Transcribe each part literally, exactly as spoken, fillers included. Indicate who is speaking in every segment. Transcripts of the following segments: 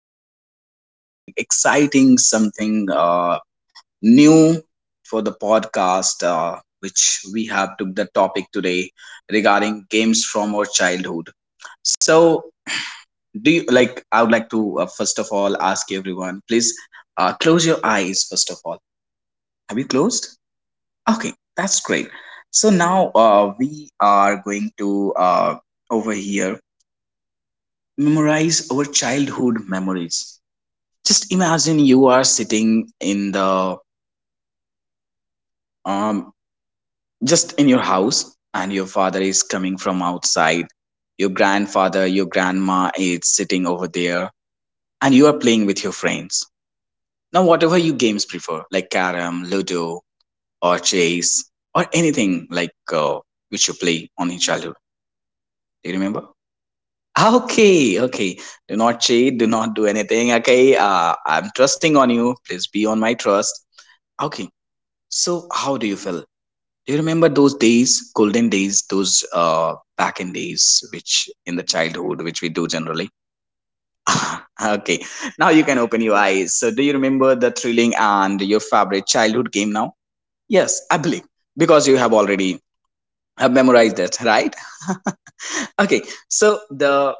Speaker 1: discussing something exciting, something uh, new for the podcast, uh, which we have took the topic today regarding games from our childhood. So, do you like? I would like to uh, first of all ask everyone, please uh, close your eyes. First of all, have you closed? Okay, that's great. So now uh, we are going to uh, over here memorize our childhood memories. Just imagine you are sitting in the um just in your house and your father is coming from outside. Your grandfather, your grandma is sitting over there and you are playing with your friends. Now whatever you games prefer, like carom, ludo or chase or anything like uh, which you play on in childhood. Do you remember? Okay, okay. Do not cheat, do not do anything. Okay, uh, I'm trusting on you. Please be on my trust. Okay, so how do you feel? Do you remember those days, golden days, those uh, back in days, which in the childhood, which we do generally? okay, now you can open your eyes. So, do you remember the thrilling and your favorite childhood game now? Yes, I believe because you have already have memorized it, right? okay, so the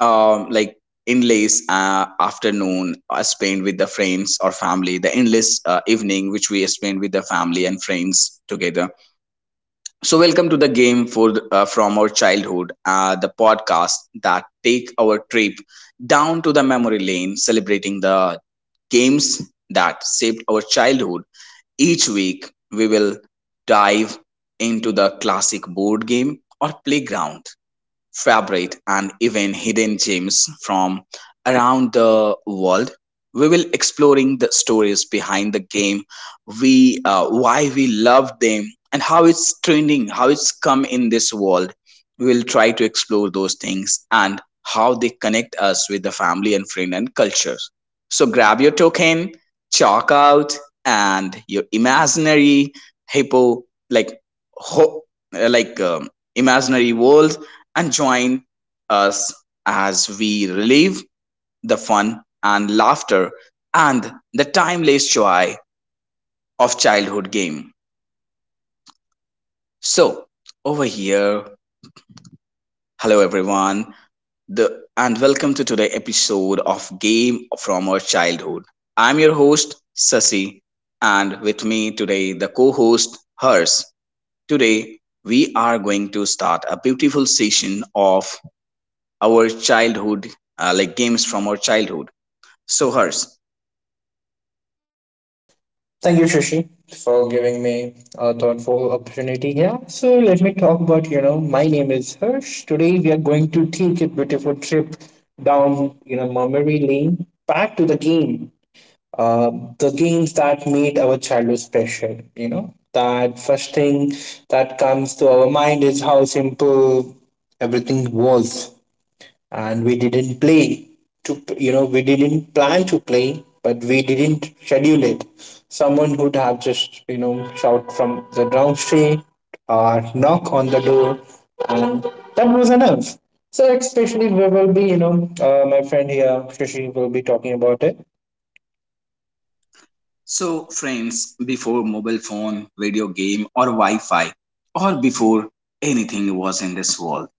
Speaker 1: um like endless uh, afternoon uh, spent with the friends or family, the endless uh, evening which we spend with the family and friends together. So, welcome to the game for the- uh, from our childhood, uh, the podcast that take our trip down to the memory lane, celebrating the games that shaped our childhood. Each week, we will dive into the classic board game or playground favorite and even hidden gems from around the world. We will exploring the stories behind the game, we uh, why we love them and how it's trending, how it's come in this world. We will try to explore those things and how they connect us with the family and friend and culture. So grab your token, chalk out, and your imaginary hippo like ho- uh, like um, imaginary world and join us as we relive the fun and laughter and the timeless joy of childhood game. So, over here, hello everyone, the, and welcome to today's episode of Game from Our Childhood. I'm your host, Sasi, and with me today, the co host, Hers. Today, we are going to start a beautiful session of our childhood, uh, like games from our childhood. So Hers.
Speaker 2: Thank you, Shashi, for giving me a thoughtful opportunity here. So let me talk about, you know, my name is Hirsch. Today we are going to take a beautiful trip down, you know, memory lane, back to the game, uh, the games that made our childhood special. You know, that first thing that comes to our mind is how simple everything was and we didn't play to you know we didn't plan to play but we didn't schedule it. Someone would have just, you know, shout from the downstreet or knock on the door, and that was enough. So especially we will be, you know, uh, my friend here Shashi will be talking about it.
Speaker 1: So friends, before mobile phone, video game or Wi-Fi, or before anything was in this world,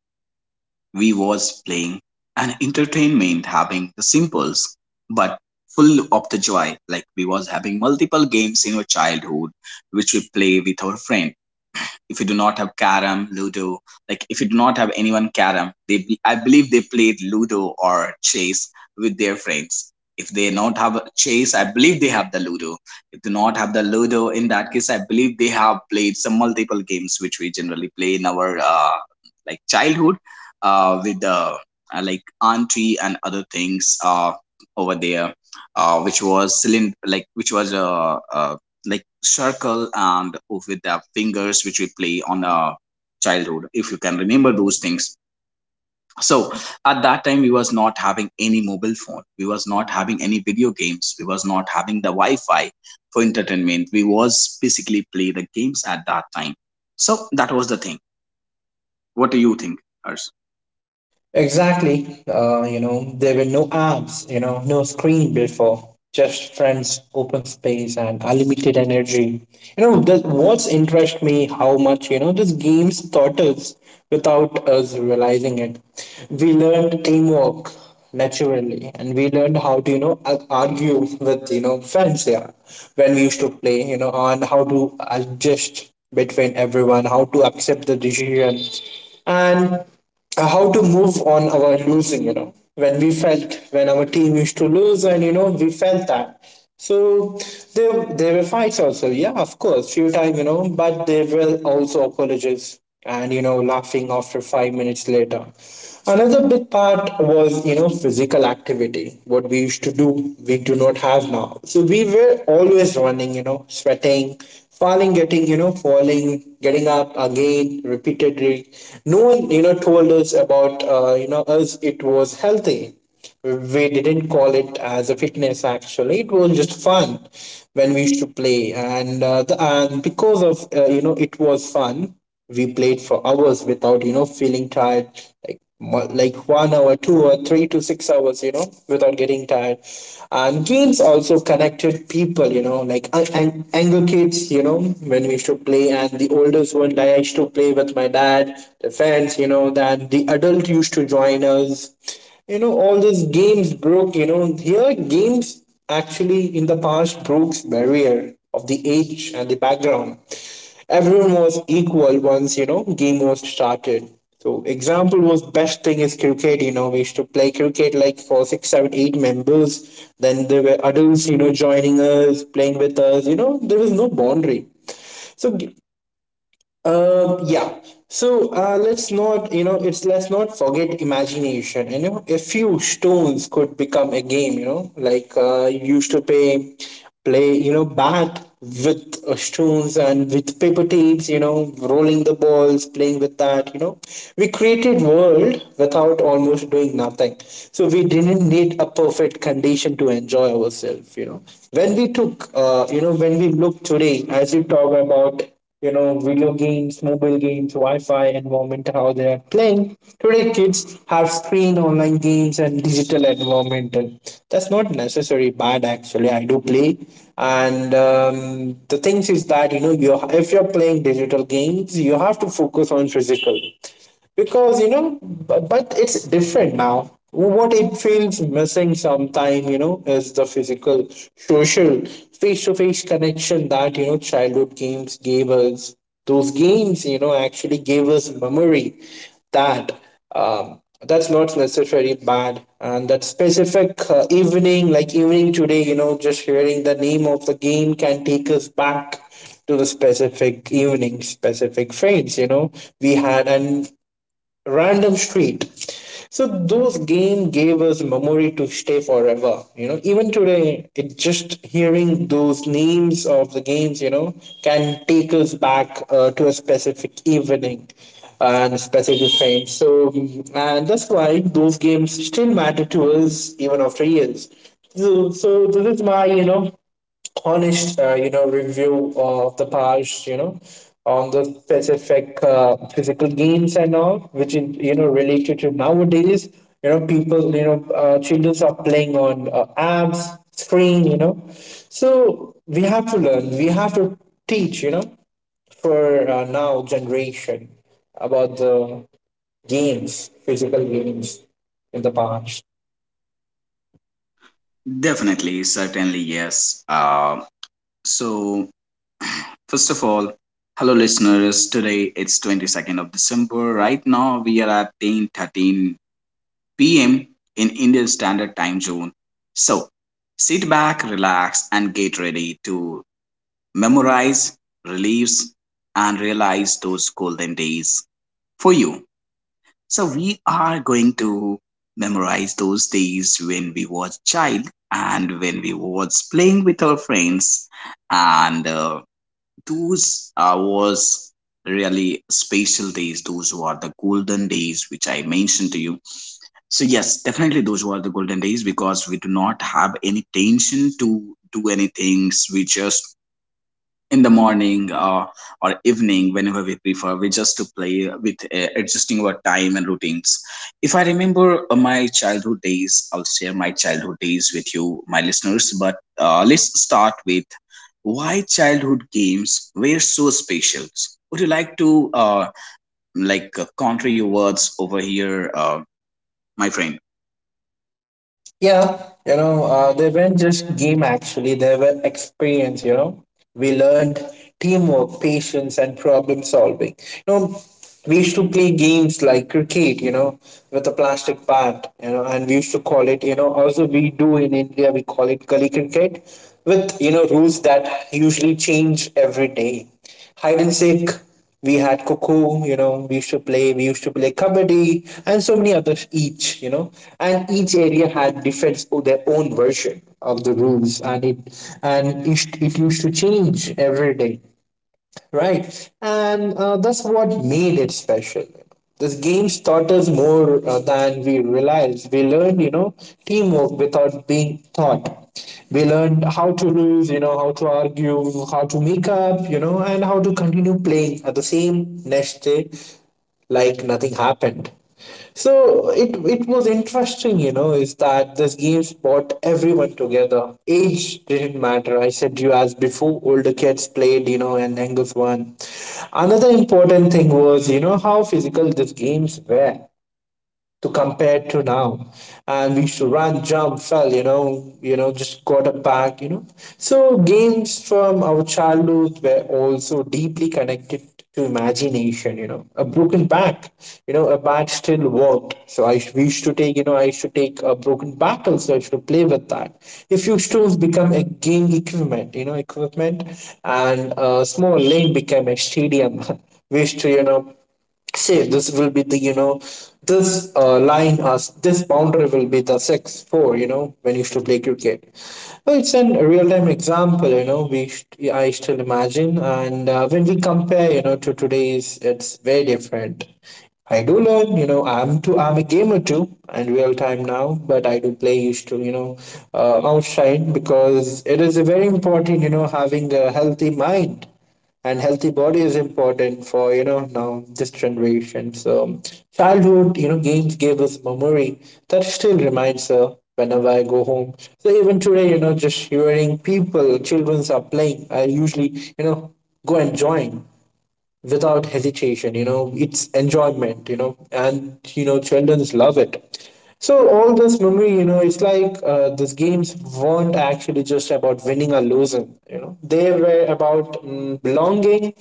Speaker 1: we was playing and entertainment having the simples, but full of the joy. Like we was having multiple games in our childhood, which we play with our friends. If you do not have carom ludo, like if you do not have anyone carom, they be- i believe they played ludo or chase with their friends. If they not have chase, I believe they have the ludo. If they not have the ludo, in that case I believe they have played some multiple games which we generally play in our uh, like childhood, uh, with the uh, like auntie and other things uh, over there, uh, which was cylind- like which was a, a like circle and with the fingers which we play on a childhood, if you can remember those things. So at that time we was not having any mobile phone, we was not having any video games, we was not having the Wi-Fi. For entertainment we was basically play the games at that time. So that was the thing. What do you think, Hers?
Speaker 2: Exactly. Uh, you know, there were no apps, you know, no screen before, just friends, open space, and unlimited energy. You know, the, what's interest me how much, you know, this games taught us without us realizing it. We learned teamwork naturally, and we learned how to, you know, ar- argue with, you know, friends here when we used to play, you know, and how to adjust between everyone, how to accept the decision. And uh, how to move on our losing, you know, when we felt when our team used to lose and you know we felt that. So there there were fights also, yeah, of course few time, you know, but there were also apologies and you know laughing after five minutes later. Another big part was, you know, physical activity. What we used to do, we do not have now. So we were always running, you know, sweating, falling, getting, you know, falling, getting up again repeatedly. No one, you know, told us about, uh, you know, us it was healthy. We didn't call it as a fitness, actually it was just fun when we used to play, and uh, the, and because of, uh, you know, it was fun we played for hours without you know feeling tired, like mo- like one hour, two or three to six hours, you know, without getting tired. And games also connected people, you know, like I, and younger kids you know when we used to play and the oldest one, like I used to play with my dad, the friends, you know, then the adult used to join us. You know, all these games broke, you know, here games actually in the past broke barrier of the age and the background. Everyone was equal once, you know, game was started. So example was best thing is cricket, you know, we used to play cricket like for six seven eight members, then there were adults, you know, joining us playing with us, you know, there was no boundary. So g- um, yeah. So uh, let's not, you know, it's let's not forget imagination. You know, a few stones could become a game. You know, like, uh, you used to play, play, you know, bat with uh, stones and with paper tapes. You know, rolling the balls, playing with that. You know, we created world without almost doing nothing. So we didn't need a perfect condition to enjoy ourselves. You know, when we took, uh, you know, when we look today, as you talk about, you know, video games, mobile games, Wi-Fi environment, how they are playing. Today, kids have screen, online games, and digital environment, and that's not necessarily bad. Actually, I do play, and um, the things is that, you know, you if you're playing digital games, you have to focus on physical because you know bu- but it's different now. What it feels missing sometime, you know, is the physical, social, face-to-face connection that, you know, childhood games gave us. Those games, you know, actually gave us memory that um, that's not necessarily bad. And that specific, uh, evening, like evening today, you know, just hearing the name of the game can take us back to the specific evening, specific friends, you know, we had and random street. So those game gave us memory to stay forever. You know, even today, it just hearing those names of the games, you know, can take us back uh, to a specific evening and a specific time. So, and that's why those games still matter to us even after years. So, so this is my, you know, honest, uh, you know, review of the past, you know, on the specific uh, physical games and all, which is, you know, related to nowadays. You know, people, you know, uh, children are playing on, uh, apps, screen, you know. So we have to learn. We have to teach, you know, for uh, now generation about the games, physical games in the past.
Speaker 1: Definitely, certainly yes. Uh, so first of all, hello listeners. Today it's twenty-second of December. Right now we are at ten thirteen p m in Indian Standard Time Zone. So, sit back, relax and get ready to memorize, relives and realize those golden days for you. So, we are going to memorize those days when we was child and when we was playing with our friends, and uh, those uh, was really special days. Those were the golden days which I mentioned to you. So yes, definitely those were the golden days because we do not have any tension to do any things. We just in the morning uh, or evening, whenever we prefer, we just to play with uh, adjusting our time and routines. If I remember uh, my childhood days, I'll share my childhood days with you, my listeners. But uh, let's start with why childhood games were so special. Would you like to uh, like uh, counter your words over here, uh, my friend?
Speaker 2: Yeah, you know, uh, they weren't just game actually, they were experience, you know. We learned teamwork, patience, and problem solving. You know, we used to play games like cricket, you know, with a plastic bat, you know, and we used to call it, you know, also we do in India, we call it gully cricket with, you know, rules that usually change every day. Hide and seek, we had cuckoo, you know, we used to play, we used to play kabaddi and so many others, each, you know, and each area had different or their own version of the rules, and it and it, it used to change every day, right? And uh, that's what made it special. This game taught us more uh, than we realized. We learned, you know, teamwork without being taught. We learned how to lose, you know, how to argue, how to make up, you know, and how to continue playing at the same next day like nothing happened. So it it was interesting, you know, is that this games brought everyone together. Age didn't matter. I said you as before, older kids played, you know, and Angus one. Another important thing was, you know, how physical these games were to compare to now. And we used to run, jump, fell, you know, you know, just quarterback, you know. So games from our childhood were also deeply connected to imagination, you know. A broken back, you know, a bat still worked. So I used- we used to take, you know, I used to take a broken bat also, I used to play with that. If you tools become a game equipment, you know, equipment and a small lane became a stadium. We used to, you know, say this will be the, you know, this uh, line as this boundary will be the six four, you know, when you used to play cricket. Well, it's an real-time example, you know, we st- I still imagine, and uh, when we compare, you know, to today's it's very different. I do learn, you know, i'm too I'm a gamer too and real time now, but I do play used to, you know, uh, outside because it is a very important, you know, having a healthy mind and healthy body is important for, you know, now this generation. So childhood, you know, games gave us memory that still reminds her whenever I go home. So even today, you know, just hearing people childrens are playing I usually, you know, go and join without hesitation, you know, it's enjoyment, you know, and you know childrens love it. So all this memory, you know, it's like, uh, these games weren't actually just about winning or losing, you know, they were about, mm, belonging,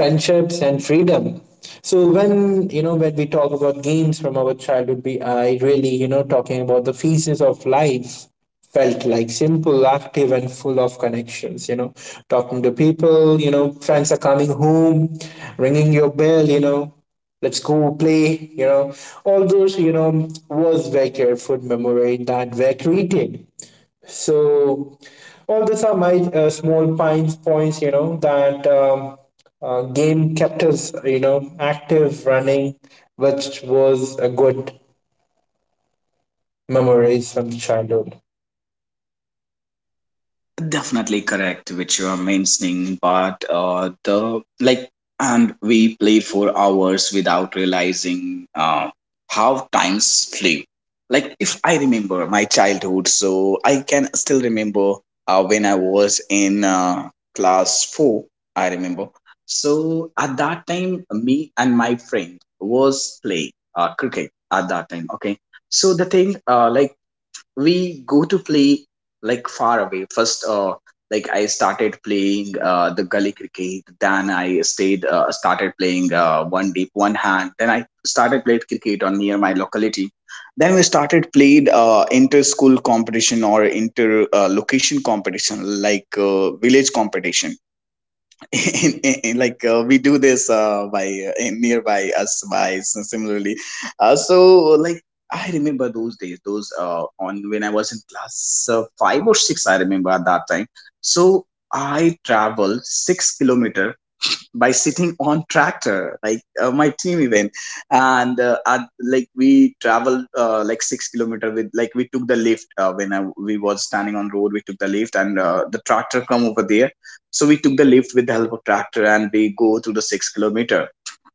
Speaker 2: friendships and freedom. So when, you know, when we talk about games from our childhood, we I really, you know, talking about the phases of life. Felt like simple, active, and full of connections. You know, talking to people. You know, friends are coming home, ringing your bell. You know, let's go play. You know, all those. You know, was very careful memory that were created. So, all these are my uh, small points. Points. You know that. Um, uh, game kept us, you know, active, running, which was a good memories from childhood.
Speaker 1: Definitely correct, which you are mentioning, but uh, the like, and we played for hours without realizing uh, how times flew. Like, if I remember my childhood, so I can still remember uh, when I was in uh, class four, I remember. So at that time, me and my friend was playing uh, cricket at that time. Okay, so the thing uh, like we go to play like far away first uh like I started playing uh the gully cricket, then I stayed uh, started playing uh, one deep one hand, then I started playing cricket on near my locality, then we started played uh, inter school competition or inter uh, location competition, like uh, village competition. and, and- and, like uh, we do this uh, by uh, in- nearby us by s- similarly. Uh, so like I remember those days, those uh, on when I was in class uh, five or six, I remember at that time. So I traveled six kilometer by sitting on tractor, like uh, my team even. And uh, at, like we traveled uh, like six kilometer with, like we took the lift uh, when I, we was standing on road, we took the lift and uh, the tractor come over there. So we took the lift with the help of tractor and we go through the six kilometer.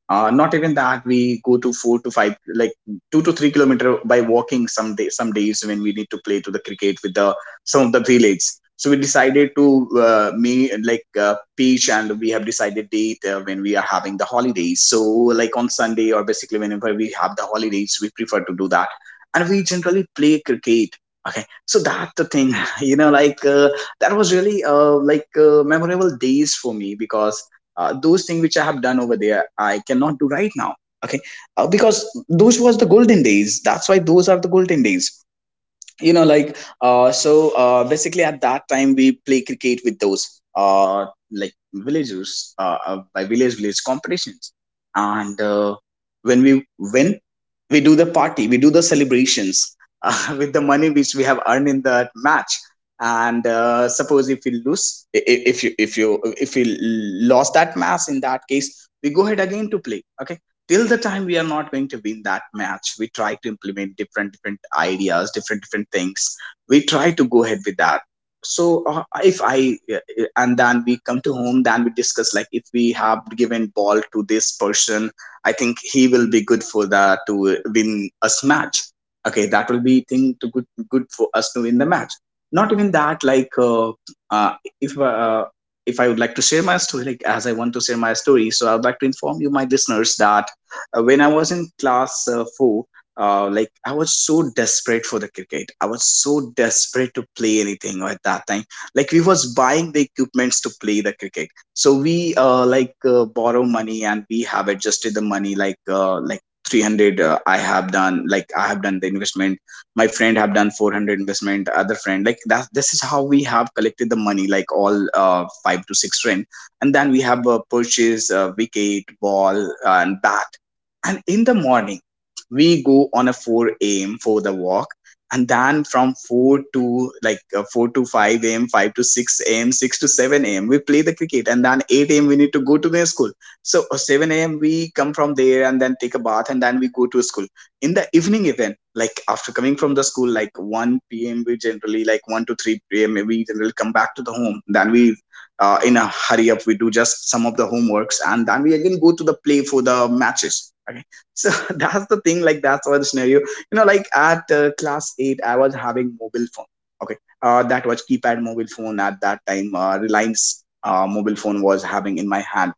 Speaker 1: uh, Not even that, we go to four to five, like two to three kilometer by walking some day. Some days when we need to play to the cricket with the some of the village, so we decided to uh, me like uh, pitch, and we have decided date uh, when we are having the holidays. So like on Sunday or basically whenever we have the holidays, we prefer to do that, and we generally play cricket. Okay, so that's the thing. You know, like uh, that was really uh, like uh, memorable days for me, because uh, those things which I have done over there I cannot do right now. Okay, uh, because those was the golden days, that's why those are the golden days. You know, like uh so uh basically at that time we play cricket with those uh like villagers, uh uh, by village village competitions. And uh, when we win, we do the party, we do the celebrations. Uh, with the money which we have earned in that match. And uh, suppose if we lose, i- i- if you if you if we lost that match, in that case we go ahead again to play. Okay, till the time we are not going to win that match, we try to implement different different ideas, different different things. We try to go ahead with that. So uh, if I uh, and then we come to home, then we discuss like if we have given ball to this person, I think he will be good for the to win us match. Okay, that will be thing to good, good for us to win the match. Not even that, like uh, uh, if uh, if I would like to share my story, like as I want to share my story, so I would like to inform you, my listeners, that uh, when I was in class uh, four, uh, like I was so desperate for the cricket. I was so desperate to play anything at that time. Like we was buying the equipments to play the cricket. So we uh, like uh, borrow money and we have adjusted the money like uh, like three hundred, uh, I have done like I have done the investment. My friend have done four hundred investment. Other friend like that. This is how we have collected the money, like, all uh, five to six friend. And then we have a purchase uh, wicket, ball, and bat. And in the morning we go on a four a.m for the walk, and then from four to like uh, four to five a.m, five to six a.m, six to seven a.m we play the cricket, and then eight a.m we need to go to the school. So uh, seven a.m we come from there and then take a bath and then we go to school. In the evening even, like after coming from the school, like one p.m we generally, like one to three p.m we generally come back to the home. Then we, uh, in a hurry up, we do just some of the homeworks and then we again go to the play for the matches. Okay. So that's the thing, like that's our scenario, you know, like at uh, class eight I was having mobile phone. Okay. Uh, that was keypad mobile phone at that time. Uh, reliance uh, mobile phone was having in my hand.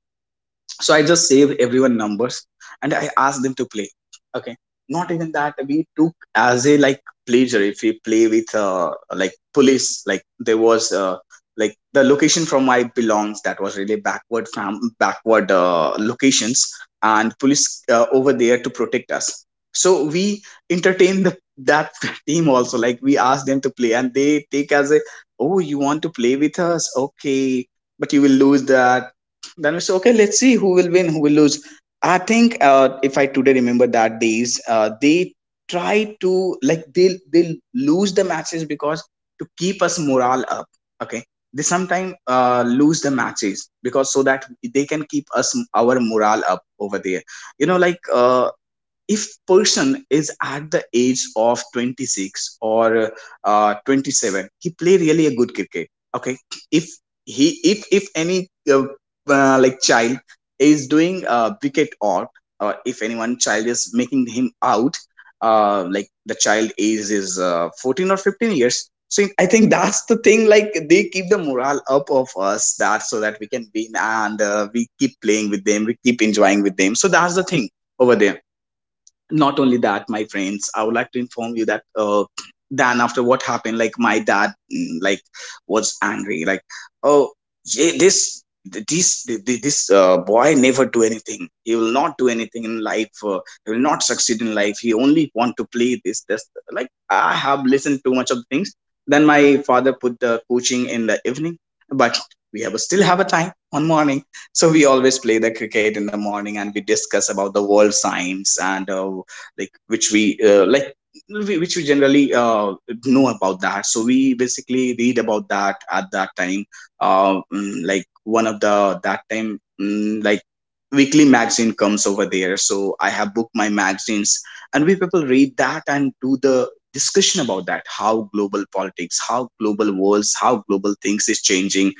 Speaker 1: So I just save everyone numbers, and I ask them to play. Okay. Not even that, we took as a, like, pleasure. If we play with uh like police, like there was uh, like the location from my belongs, that was really backward. From backward uh, locations, and police uh, over there to protect us. So we entertain the that team also. Like we ask them to play, and they take as a, oh, you want to play with us? Okay, but you will lose that. Then we say, okay, let's see who will win, who will lose. I think uh, if I today remember that days, uh, they try to like they they lose the matches because to keep us morale up. Okay. They sometimes uh, lose the matches because so that they can keep us our morale up over there. You know, like uh, if person is at the age of twenty-six or uh, twenty-seven, he play really a good cricket. Okay. If he, if if any uh, uh, like child is doing uh, wicket out, or if anyone child is making him out, uh, like the child age is uh, fourteen or fifteen years. So I think that's the thing, like they keep the morale up of us, that so that we can win, and uh, we keep playing with them, we keep enjoying with them. So that's the thing over there. Not only that, my friends, I would like to inform you that uh then after what happened, like my dad mm, like was angry, like, oh, ye- this this this uh, boy never do anything, he will not do anything in life, uh, he will not succeed in life, he only want to play this this, like I have listened too much of things. Then my father put the coaching in the evening, but we have still have a time on morning. So we always play the cricket in the morning, and we discuss about the world science and uh, like which we uh, like we- which we generally uh, know about that. So we basically read about that at that time. uh, mm, like one of the that time mm, like weekly magazine comes over there. So I have booked my magazines, and we people read that and do the discussion about that, how global politics, how global worlds, how global things is changing.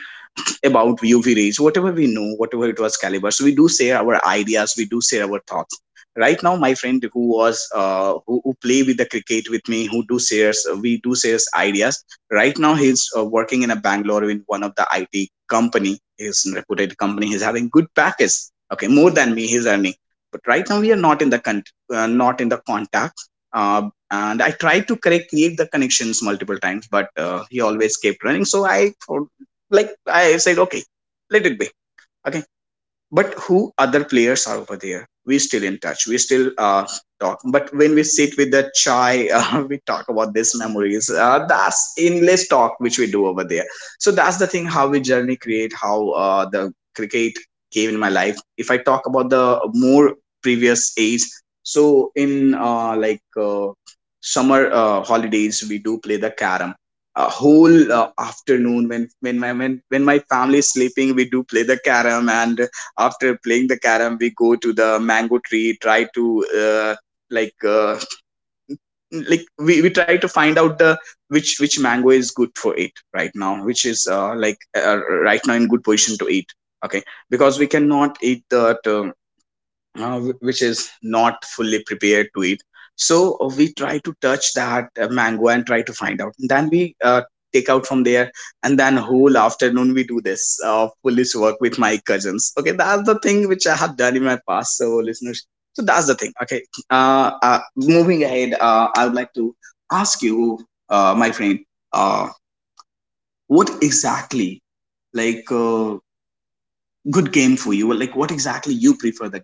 Speaker 1: About UV rays, whatever we know, whatever it was caliber, so we do share our ideas, we do share our thoughts. Right now my friend who was uh, who, who play with the cricket with me, who do shares, uh, we do shares ideas. Right now he's uh, working in a Bangalore in one of the IT company, he's a reputed company, he's having good package. Okay, more than me he's earning. But right now we are not in the con- uh, not in the contact. uh, and I tried to correct create the connections multiple times, but uh, he always kept running. So I for- like I said, okay, let it be. Okay. But who other players are over there, we still in touch, we still uh, talk. But when we sit with the chai, uh, we talk about these memories. uh, that's endless talk which we do over there. So that's the thing, how we journey create, how uh, the cricket came in my life. If I talk about the more previous age, so in uh, like uh, summer uh, holidays we do play the carom. A whole uh, afternoon, when when my when, when my family is sleeping, we do play the carom. And after playing the carom, we go to the mango tree, try to uh, like uh, like we, we try to find out the which which mango is good for it right now, which is uh, like uh, right now in good position to eat. Okay, because we cannot eat the uh, uh, wh- which is not fully prepared to eat. So uh, we try to touch that uh, mango and try to find out. And then we uh, take out from there, and then whole afternoon we do this uh, police work with my cousins. Okay, that's the thing which I have done in my past. So listeners, so that's the thing. Okay, uh, uh, moving ahead, uh, I would like to ask you, uh, my friend, uh, what exactly, like uh, good game for you? Like what exactly you prefer the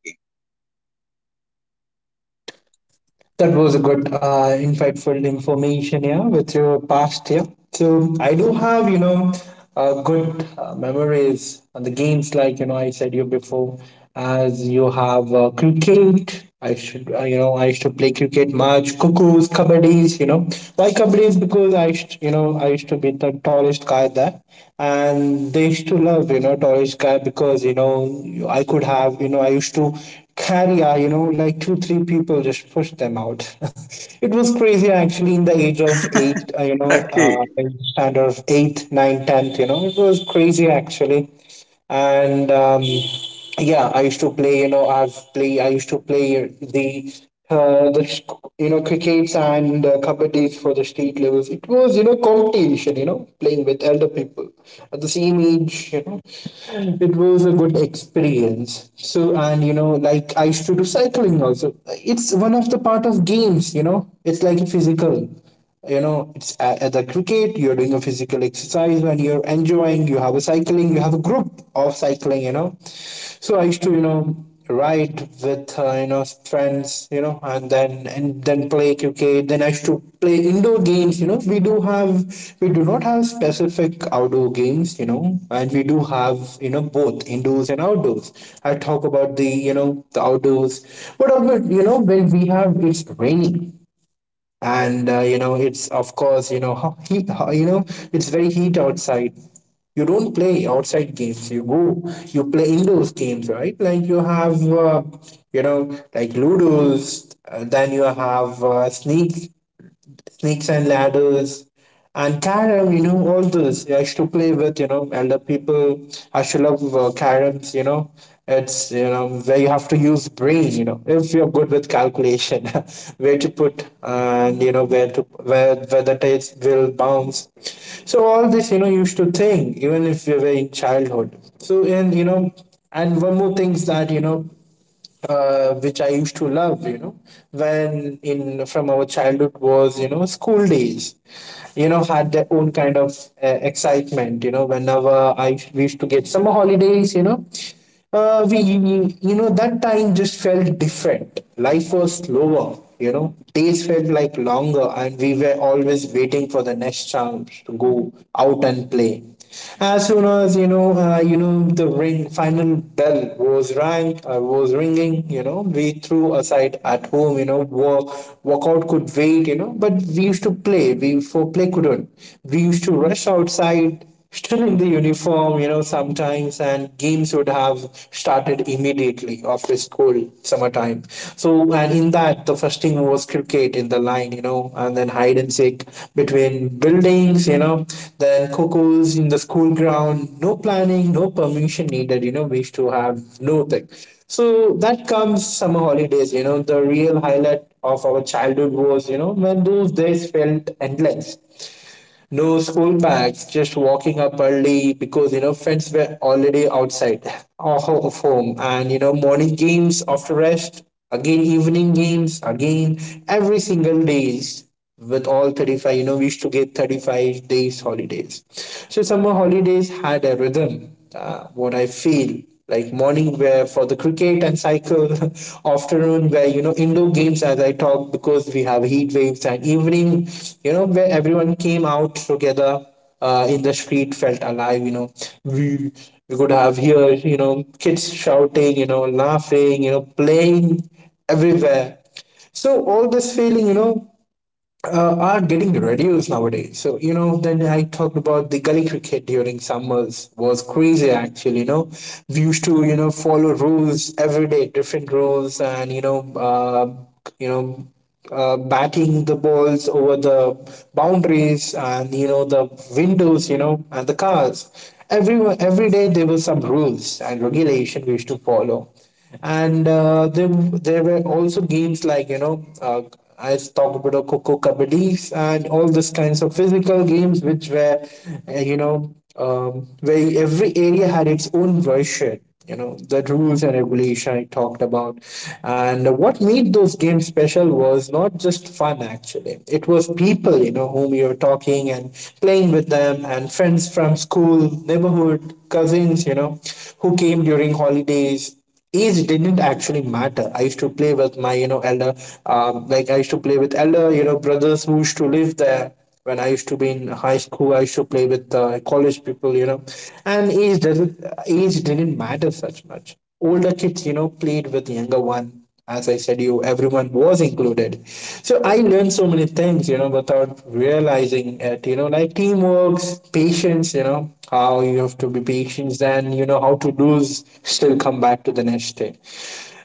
Speaker 2: That was a good, uh, insightful information, yeah, with your past, yeah. So I do have, you know, uh, good uh, memories on the games, like, you know, I said you before, as you have uh, cricket. I should, uh, you know, I used to play cricket, match, cuckoos, kabadis, you know. Why kabadis? Because I used, you know, I used to be the tallest guy there. And they used to to love, you know, Taurus guy because, you know, I could have, you know, I used to carry, uh, you know, like two, three people, just push them out. It was crazy actually in the age of eight, uh, you know, uh,
Speaker 1: game?
Speaker 2: in standard of eighth, ninth, tenth, you know, it was crazy actually and um, yeah, I used to play, you know i've play I used to play the uh, the sc- you know, crickets and uh, kabaddi for the state levels. It was, you know, competition, you know, playing with elder people at the same age, you know. It was a good experience. So, and you know, like, I used to do cycling also. It's one of the part of games, you know, it's like physical, you know. It's at, at the cricket, you're doing a physical exercise and you're enjoying. You have a cycling, you have a group of cycling, you know. So I used to, you know, ride with uh, you know, friends, you know, and then and then play cricket. Then I used to play indoor games, you know. We do have we do not have specific outdoor games, you know, and we do have, you know, both indoors and outdoors. I talk about the, you know, the outdoors, but uh, but, you know, when we have, it's raining and uh, you know, it's of course, you know, ho- heat, ho- you know, it's very heat outside. You don't play outside games, you go, you play indoors games, right? Like you have uh, you know, like ludos, uh, then you have uh, sneak snakes and ladders, and carom, you know, all those I used to play with, you know, elder people. I should love uh, caroms, you know. It's, you know, where you have to use brain, you know, if you're good with calculation, where to put and, you know, where to, where, where the tails will bounce. So all this, you know, you used to think, even if we were in childhood. So, and, you know, and one more thing is that, you know, uh, which I used to love, you know, when in from our childhood was, you know, school days, you know, had their own kind of uh, excitement, you know, whenever I we used to get summer holidays, you know, uh, we, you know, that time just felt different. Life was slower, you know, days felt like longer, and we were always waiting for the next chance to go out and play. As soon as, you know, uh, you know, the ring final bell was rang, uh, was ringing. You know, we threw aside at home. You know, walk walkout could wait. You know, but we used to play. We for play couldn't. We used to rush outside, still in the uniform. You know, sometimes and games would have started immediately after school summertime. So, and in that, the first thing was cricket in the line, you know, and then hide and seek between buildings, you know, then cocos in the school ground. No planning, no permission needed, you know, wish to have nothing. So that comes summer holidays, you know, the real highlight of our childhood was, you know, when those days felt endless. No school bags, just walking up early because, you know, friends were already outside of home, and you know, morning games after rest, again evening games, again every single days with all thirty-five, you know, we used to get thirty-five days holidays. So summer holidays had a rhythm, uh, what I feel, like morning wear for the cricket and cycle, afternoon where, you know, indoor games, as I talk, because we have heat waves, and evening, you know, where everyone came out together, uh, in the street, felt alive, you know. we we could have here, you know, kids shouting, you know, laughing, you know, playing everywhere. So all this feeling, you know, uh, are getting reduced nowadays. So, you know, then I talked about the gully cricket during summers was crazy. Actually, you know, we used to, you know, follow rules every day, different rules, and you know, uh, you know. Uh, batting the balls over the boundaries, and you know, the windows, you know, and the cars. Every every day there were some rules and regulation we used to follow. And uh, there there were also games like, you know, uh, I talk about Coco Kabaddi and all these kinds of physical games, which were uh, you know, um, where every area had its own version, you know, the rules and regulation I talked about. And what made those games special was not just fun, actually. It was people, you know, whom you're talking and playing with them, and friends from school, neighborhood, cousins, you know, who came during holidays. Age didn't actually matter. I used to play with my, you know, elder, um, like I used to play with elder, you know, brothers who used to live there. When I used to be in high school, I used to play with uh, college people, you know, and age didn't age didn't matter such much. Older kids, you know, played with younger one. As I said, you, everyone was included. So I learned so many things, you know, without realizing it, you know, like teamwork, patience, you know, how you have to be patient, and you know, how to lose still come back to the next day.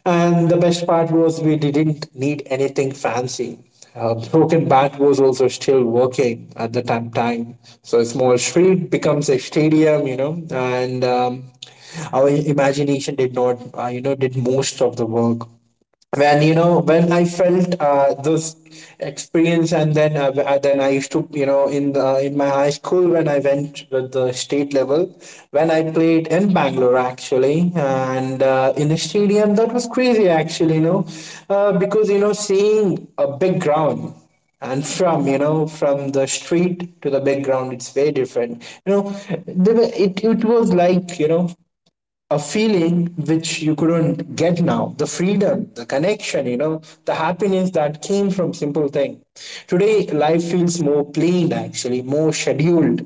Speaker 2: And the best part was we didn't need anything fancy. uh, Broken Bat was also still working at the time, time. So a small street becomes a stadium, you know, and um, our imagination did not, uh, you know, did most of the work. When, you know, when I felt uh, this experience, and then uh, then I used to, you know, in the, in my high my school, when I went with the state level, when I played in Bangalore actually, and uh, in the stadium, that was crazy actually, you know, uh, because you know, seeing a big ground, and from, you know, from the street to the big ground, it's very different, you know. There were- it, it was like, you know, a feeling which you couldn't get now, the freedom, the connection, you know, the happiness that came from simple thing. Today life feels more plain actually, more scheduled.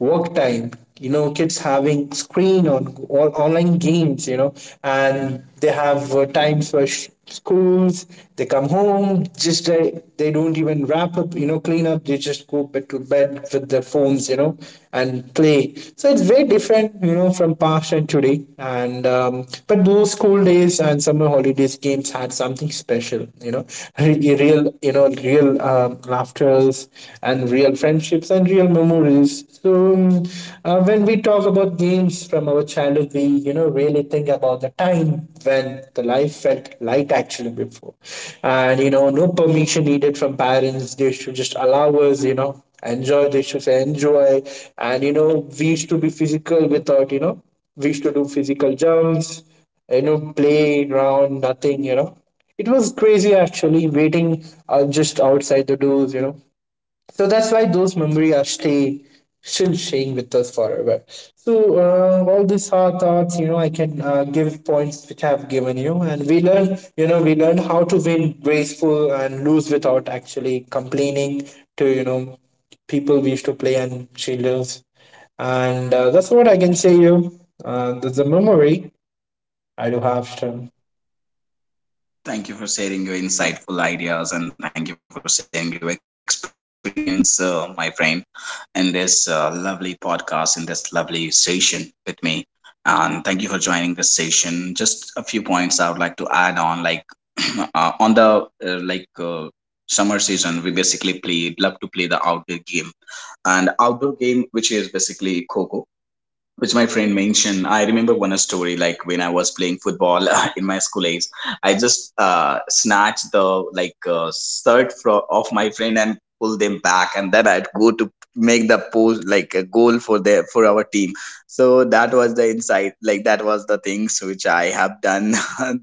Speaker 2: Work time, you know, kids having screen on or online games, you know, and they have uh, times for sh- schools. They come home, just they, they don't even wrap up, you know, clean up, they just go back to bed with their phones, you know, and play. So it's very different, you know, from past and today. And um, but those school days and summer holidays games had something special, you know, Re- real, you know, real um laughters and real friendships and real memories. So um, uh, when we talk about games from our childhood, we, you know, really think about the time when the life felt light actually before. And, you know, no permission needed from parents. They should just allow us, you know, enjoy. They should say enjoy. And, you know, we used to be physical without, you know, we used to do physical jumps, you know, play around, nothing, you know. It was crazy actually waiting uh, just outside the doors, you know, so that's why those memories are stay still staying with us forever. So uh, all these hard thoughts, you know, I can uh, give points which I've given you, and we learn, you know, we learn how to win graceful and lose without actually complaining to, you know, people we used to play and she lives, and uh, that's what I can say you. Uh, that's a memory I do have. Still.
Speaker 1: Thank you for sharing your insightful ideas, and thank you for sharing your experience, uh, my friend, in this uh, lovely podcast, in this lovely session with me. And thank you for joining this session. Just a few points I would like to add on, like uh, on the uh, like uh, summer season, we basically play love to play the outdoor game. And outdoor game, which is basically Coco, which my friend mentioned. I remember one story, like when I was playing football in my school age, I just uh, snatched the like uh, shirt fro- of my friend and pull them back, and then I'd go to make the pose like a goal for their for our team. So that was the insight, like that was the things which I have done,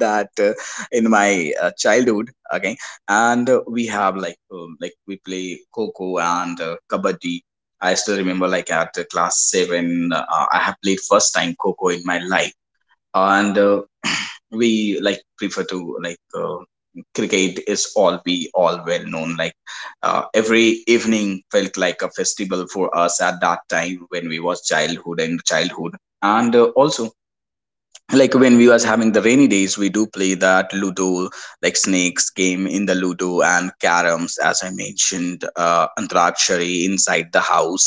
Speaker 1: that uh, in my uh, childhood. Okay. And uh, we have like um, like we play Coco and uh, kabaddi. I still remember, like at uh, class seven, uh, I have played first time Coco in my life. And uh, we like prefer to like uh, cricket is all we all well known. Like uh, every evening felt like a festival for us at that time when we was childhood and childhood. And uh, also like when we was having the rainy days, we do play that ludo, like snakes game in the ludo, and caroms, as I mentioned, uh antarakshari inside the house,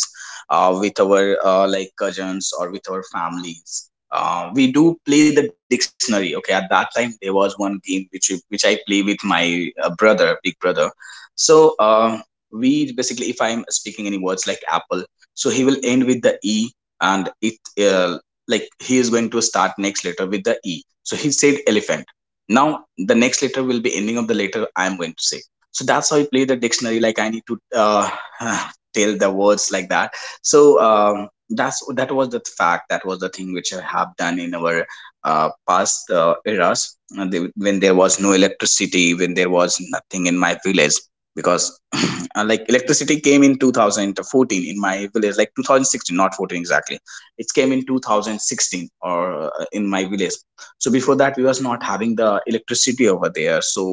Speaker 1: uh with our uh, like cousins or with our families. uh, we do play the dictionary. Okay, at that time there was one game which which I play with my uh, brother big brother. So uh, we basically, if I'm speaking any words like apple, so he will end with the E, and it uh, like he is going to start next letter with the E, so he said elephant. Now the next letter will be ending of the letter I am going to say. So that's how you play the dictionary, like I need to uh, tell the words like that. So um, that's that was the fact, that was the thing which I have done in our uh, past uh, eras, uh, the- when there was no electricity, when there was nothing in my village. Because like electricity came in twenty fourteen in my village, like twenty sixteen, not fourteen exactly. It came in two thousand sixteen, or uh, in my village. So before that we was not having the electricity over there. So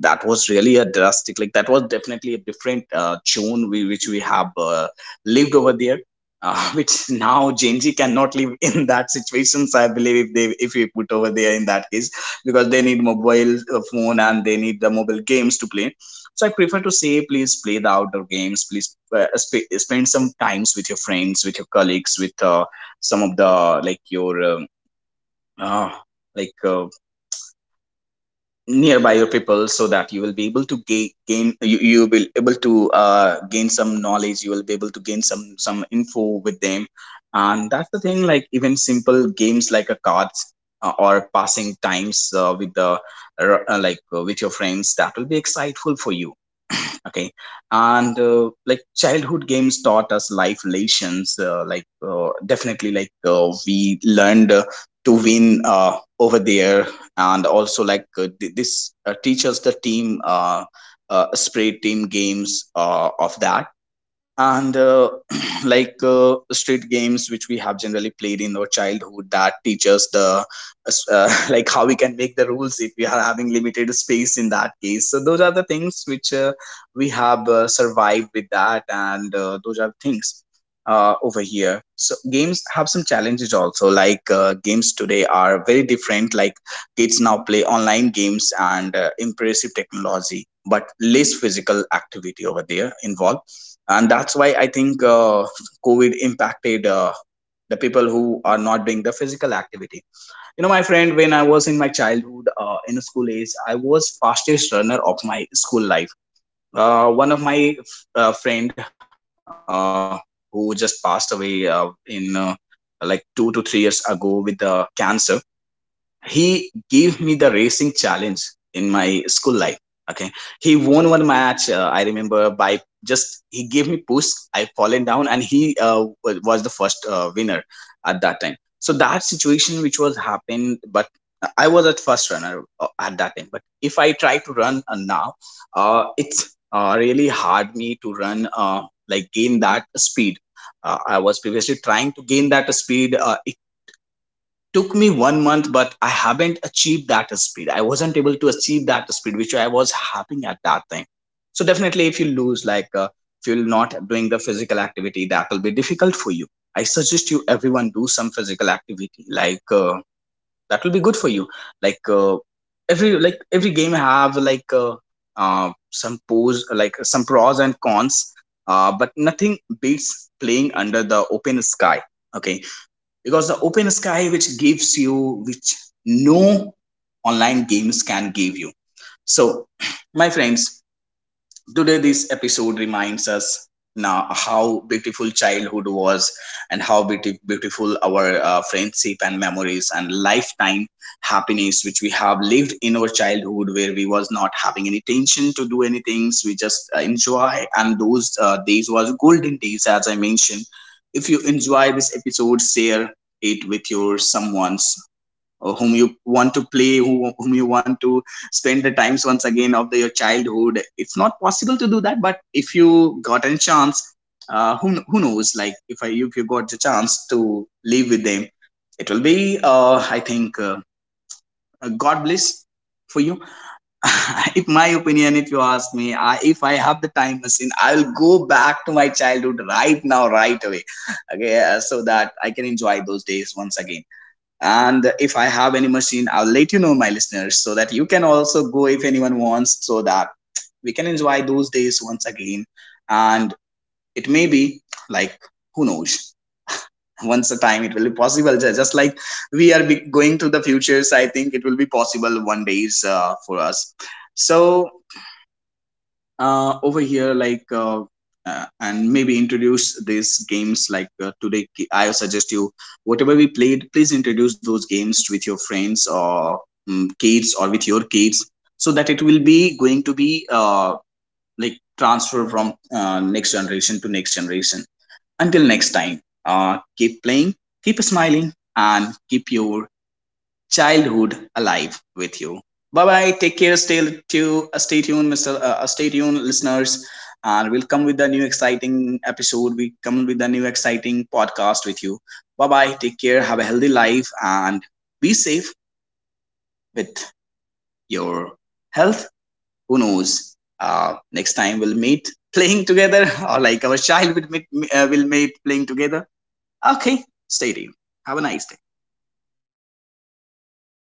Speaker 1: that was really a drastic, like that was definitely a different uh, tune we, which we have uh, lived over there. uh, which now Gen Z cannot live in that situations. I believe if they if we put over there in that case, because they need mobile uh, phone and they need the mobile games to play. So I prefer to say, please play the outdoor games. Please uh, sp- spend some times with your friends, with your colleagues, with uh, some of the like your um, uh, like uh, nearby your people so that you will be able to gain, gain you, you will be able to uh, gain some knowledge. You will be able to gain some some info with them. And that's the thing, like even simple games like a cards uh, or passing times uh, with the uh, like uh, with your friends, that will be exciteful for you. Okay. And uh, like childhood games taught us life lessons. Uh, like uh, definitely, like uh, we learned uh, to win uh, over there. And also, like uh, th- this uh, teaches the team uh, uh, spray team games uh, of that. And uh, like uh, street games, which we have generally played in our childhood, that teach us the— uh, like how we can make the rules if we are having limited space, in that case. So those are the things which uh, we have uh, survived with. That and uh, those are things uh, over here. So games have some challenges also. Like uh, games today are very different. Like, kids now play online games and uh, impressive technology, but less physical activity over there involved. And that's why I think uh, COVID impacted uh, the people who are not doing the physical activity. You know, my friend, when I was in my childhood, uh, in school age, I was fastest runner of my school life. Uh, one of my uh, friend, uh, who just passed away uh, in uh, like two to three years ago with uh, cancer, he gave me the racing challenge in my school life. Okay. He won one match, uh, I remember, by— just he gave me push, I fallen down, and he uh, wa- was the first uh, winner at that time. So that situation which was happened. But uh, I was at first runner uh, at that time. But if I try to run uh, now, uh, it's uh, really hard me to run, uh, like gain that speed. uh, I was previously trying to gain that speed. Uh, took me one month, but I haven't achieved that speed. I wasn't able to achieve that speed which I was having at that time. So definitely, if you lose, like uh, if you're not doing the physical activity, that will be difficult for you. I suggest you everyone do some physical activity, like uh, that will be good for you. Like uh, every like every game have like uh, uh, some pros like some pros and cons, uh, but nothing beats playing under the open sky. Okay, because the open sky, which gives you, which no online games can give you. So my friends, today this episode reminds us now how beautiful childhood was, and how beauti- beautiful our uh, friendship and memories and lifetime happiness, which we have lived in our childhood, where we was not having any tension to do any things. We just uh, enjoy. And those uh, days was golden days, as I mentioned. If you enjoy this episode, share it with your someone uh, whom you want to play, who, whom you want to spend the times once again of the, your childhood. It's not possible to do that, but if you got a chance, uh, who who knows? Like, if I if you got the chance to live with them, it will be uh, I think, uh, uh, God bless for you. If my opinion, if you ask me, I, if I have the time machine, I will go back to my childhood right now, right away. Okay, uh, so that I can enjoy those days once again. And if I have any machine, I'll let you know, my listeners, so that you can also go if anyone wants, so that we can enjoy those days once again. And it may be like, who knows, once a time it will be possible. Ju- Just like we are be- going to the futures, I think it will be possible one days uh, for us. So uh, over here like uh, uh, and maybe introduce these games, like uh, today I suggest you, whatever we played, please introduce those games with your friends or um, kids or with your kids, so that it will be going to be uh, like transfer from uh, next generation to next generation. Until next time, uh, keep playing, keep smiling, and keep your childhood alive with you. Bye bye. Take care. Stay tuned. stay tuned, Mister. Uh, uh, stay tuned, listeners, and we'll come with the new exciting episode. We come with the new exciting podcast with you. Bye bye. Take care. Have a healthy life and be safe with your health. Who knows? Uh, next time we'll meet playing together, or like our child will meet, uh, will meet playing together. Okay. Stay tuned. Have a nice day.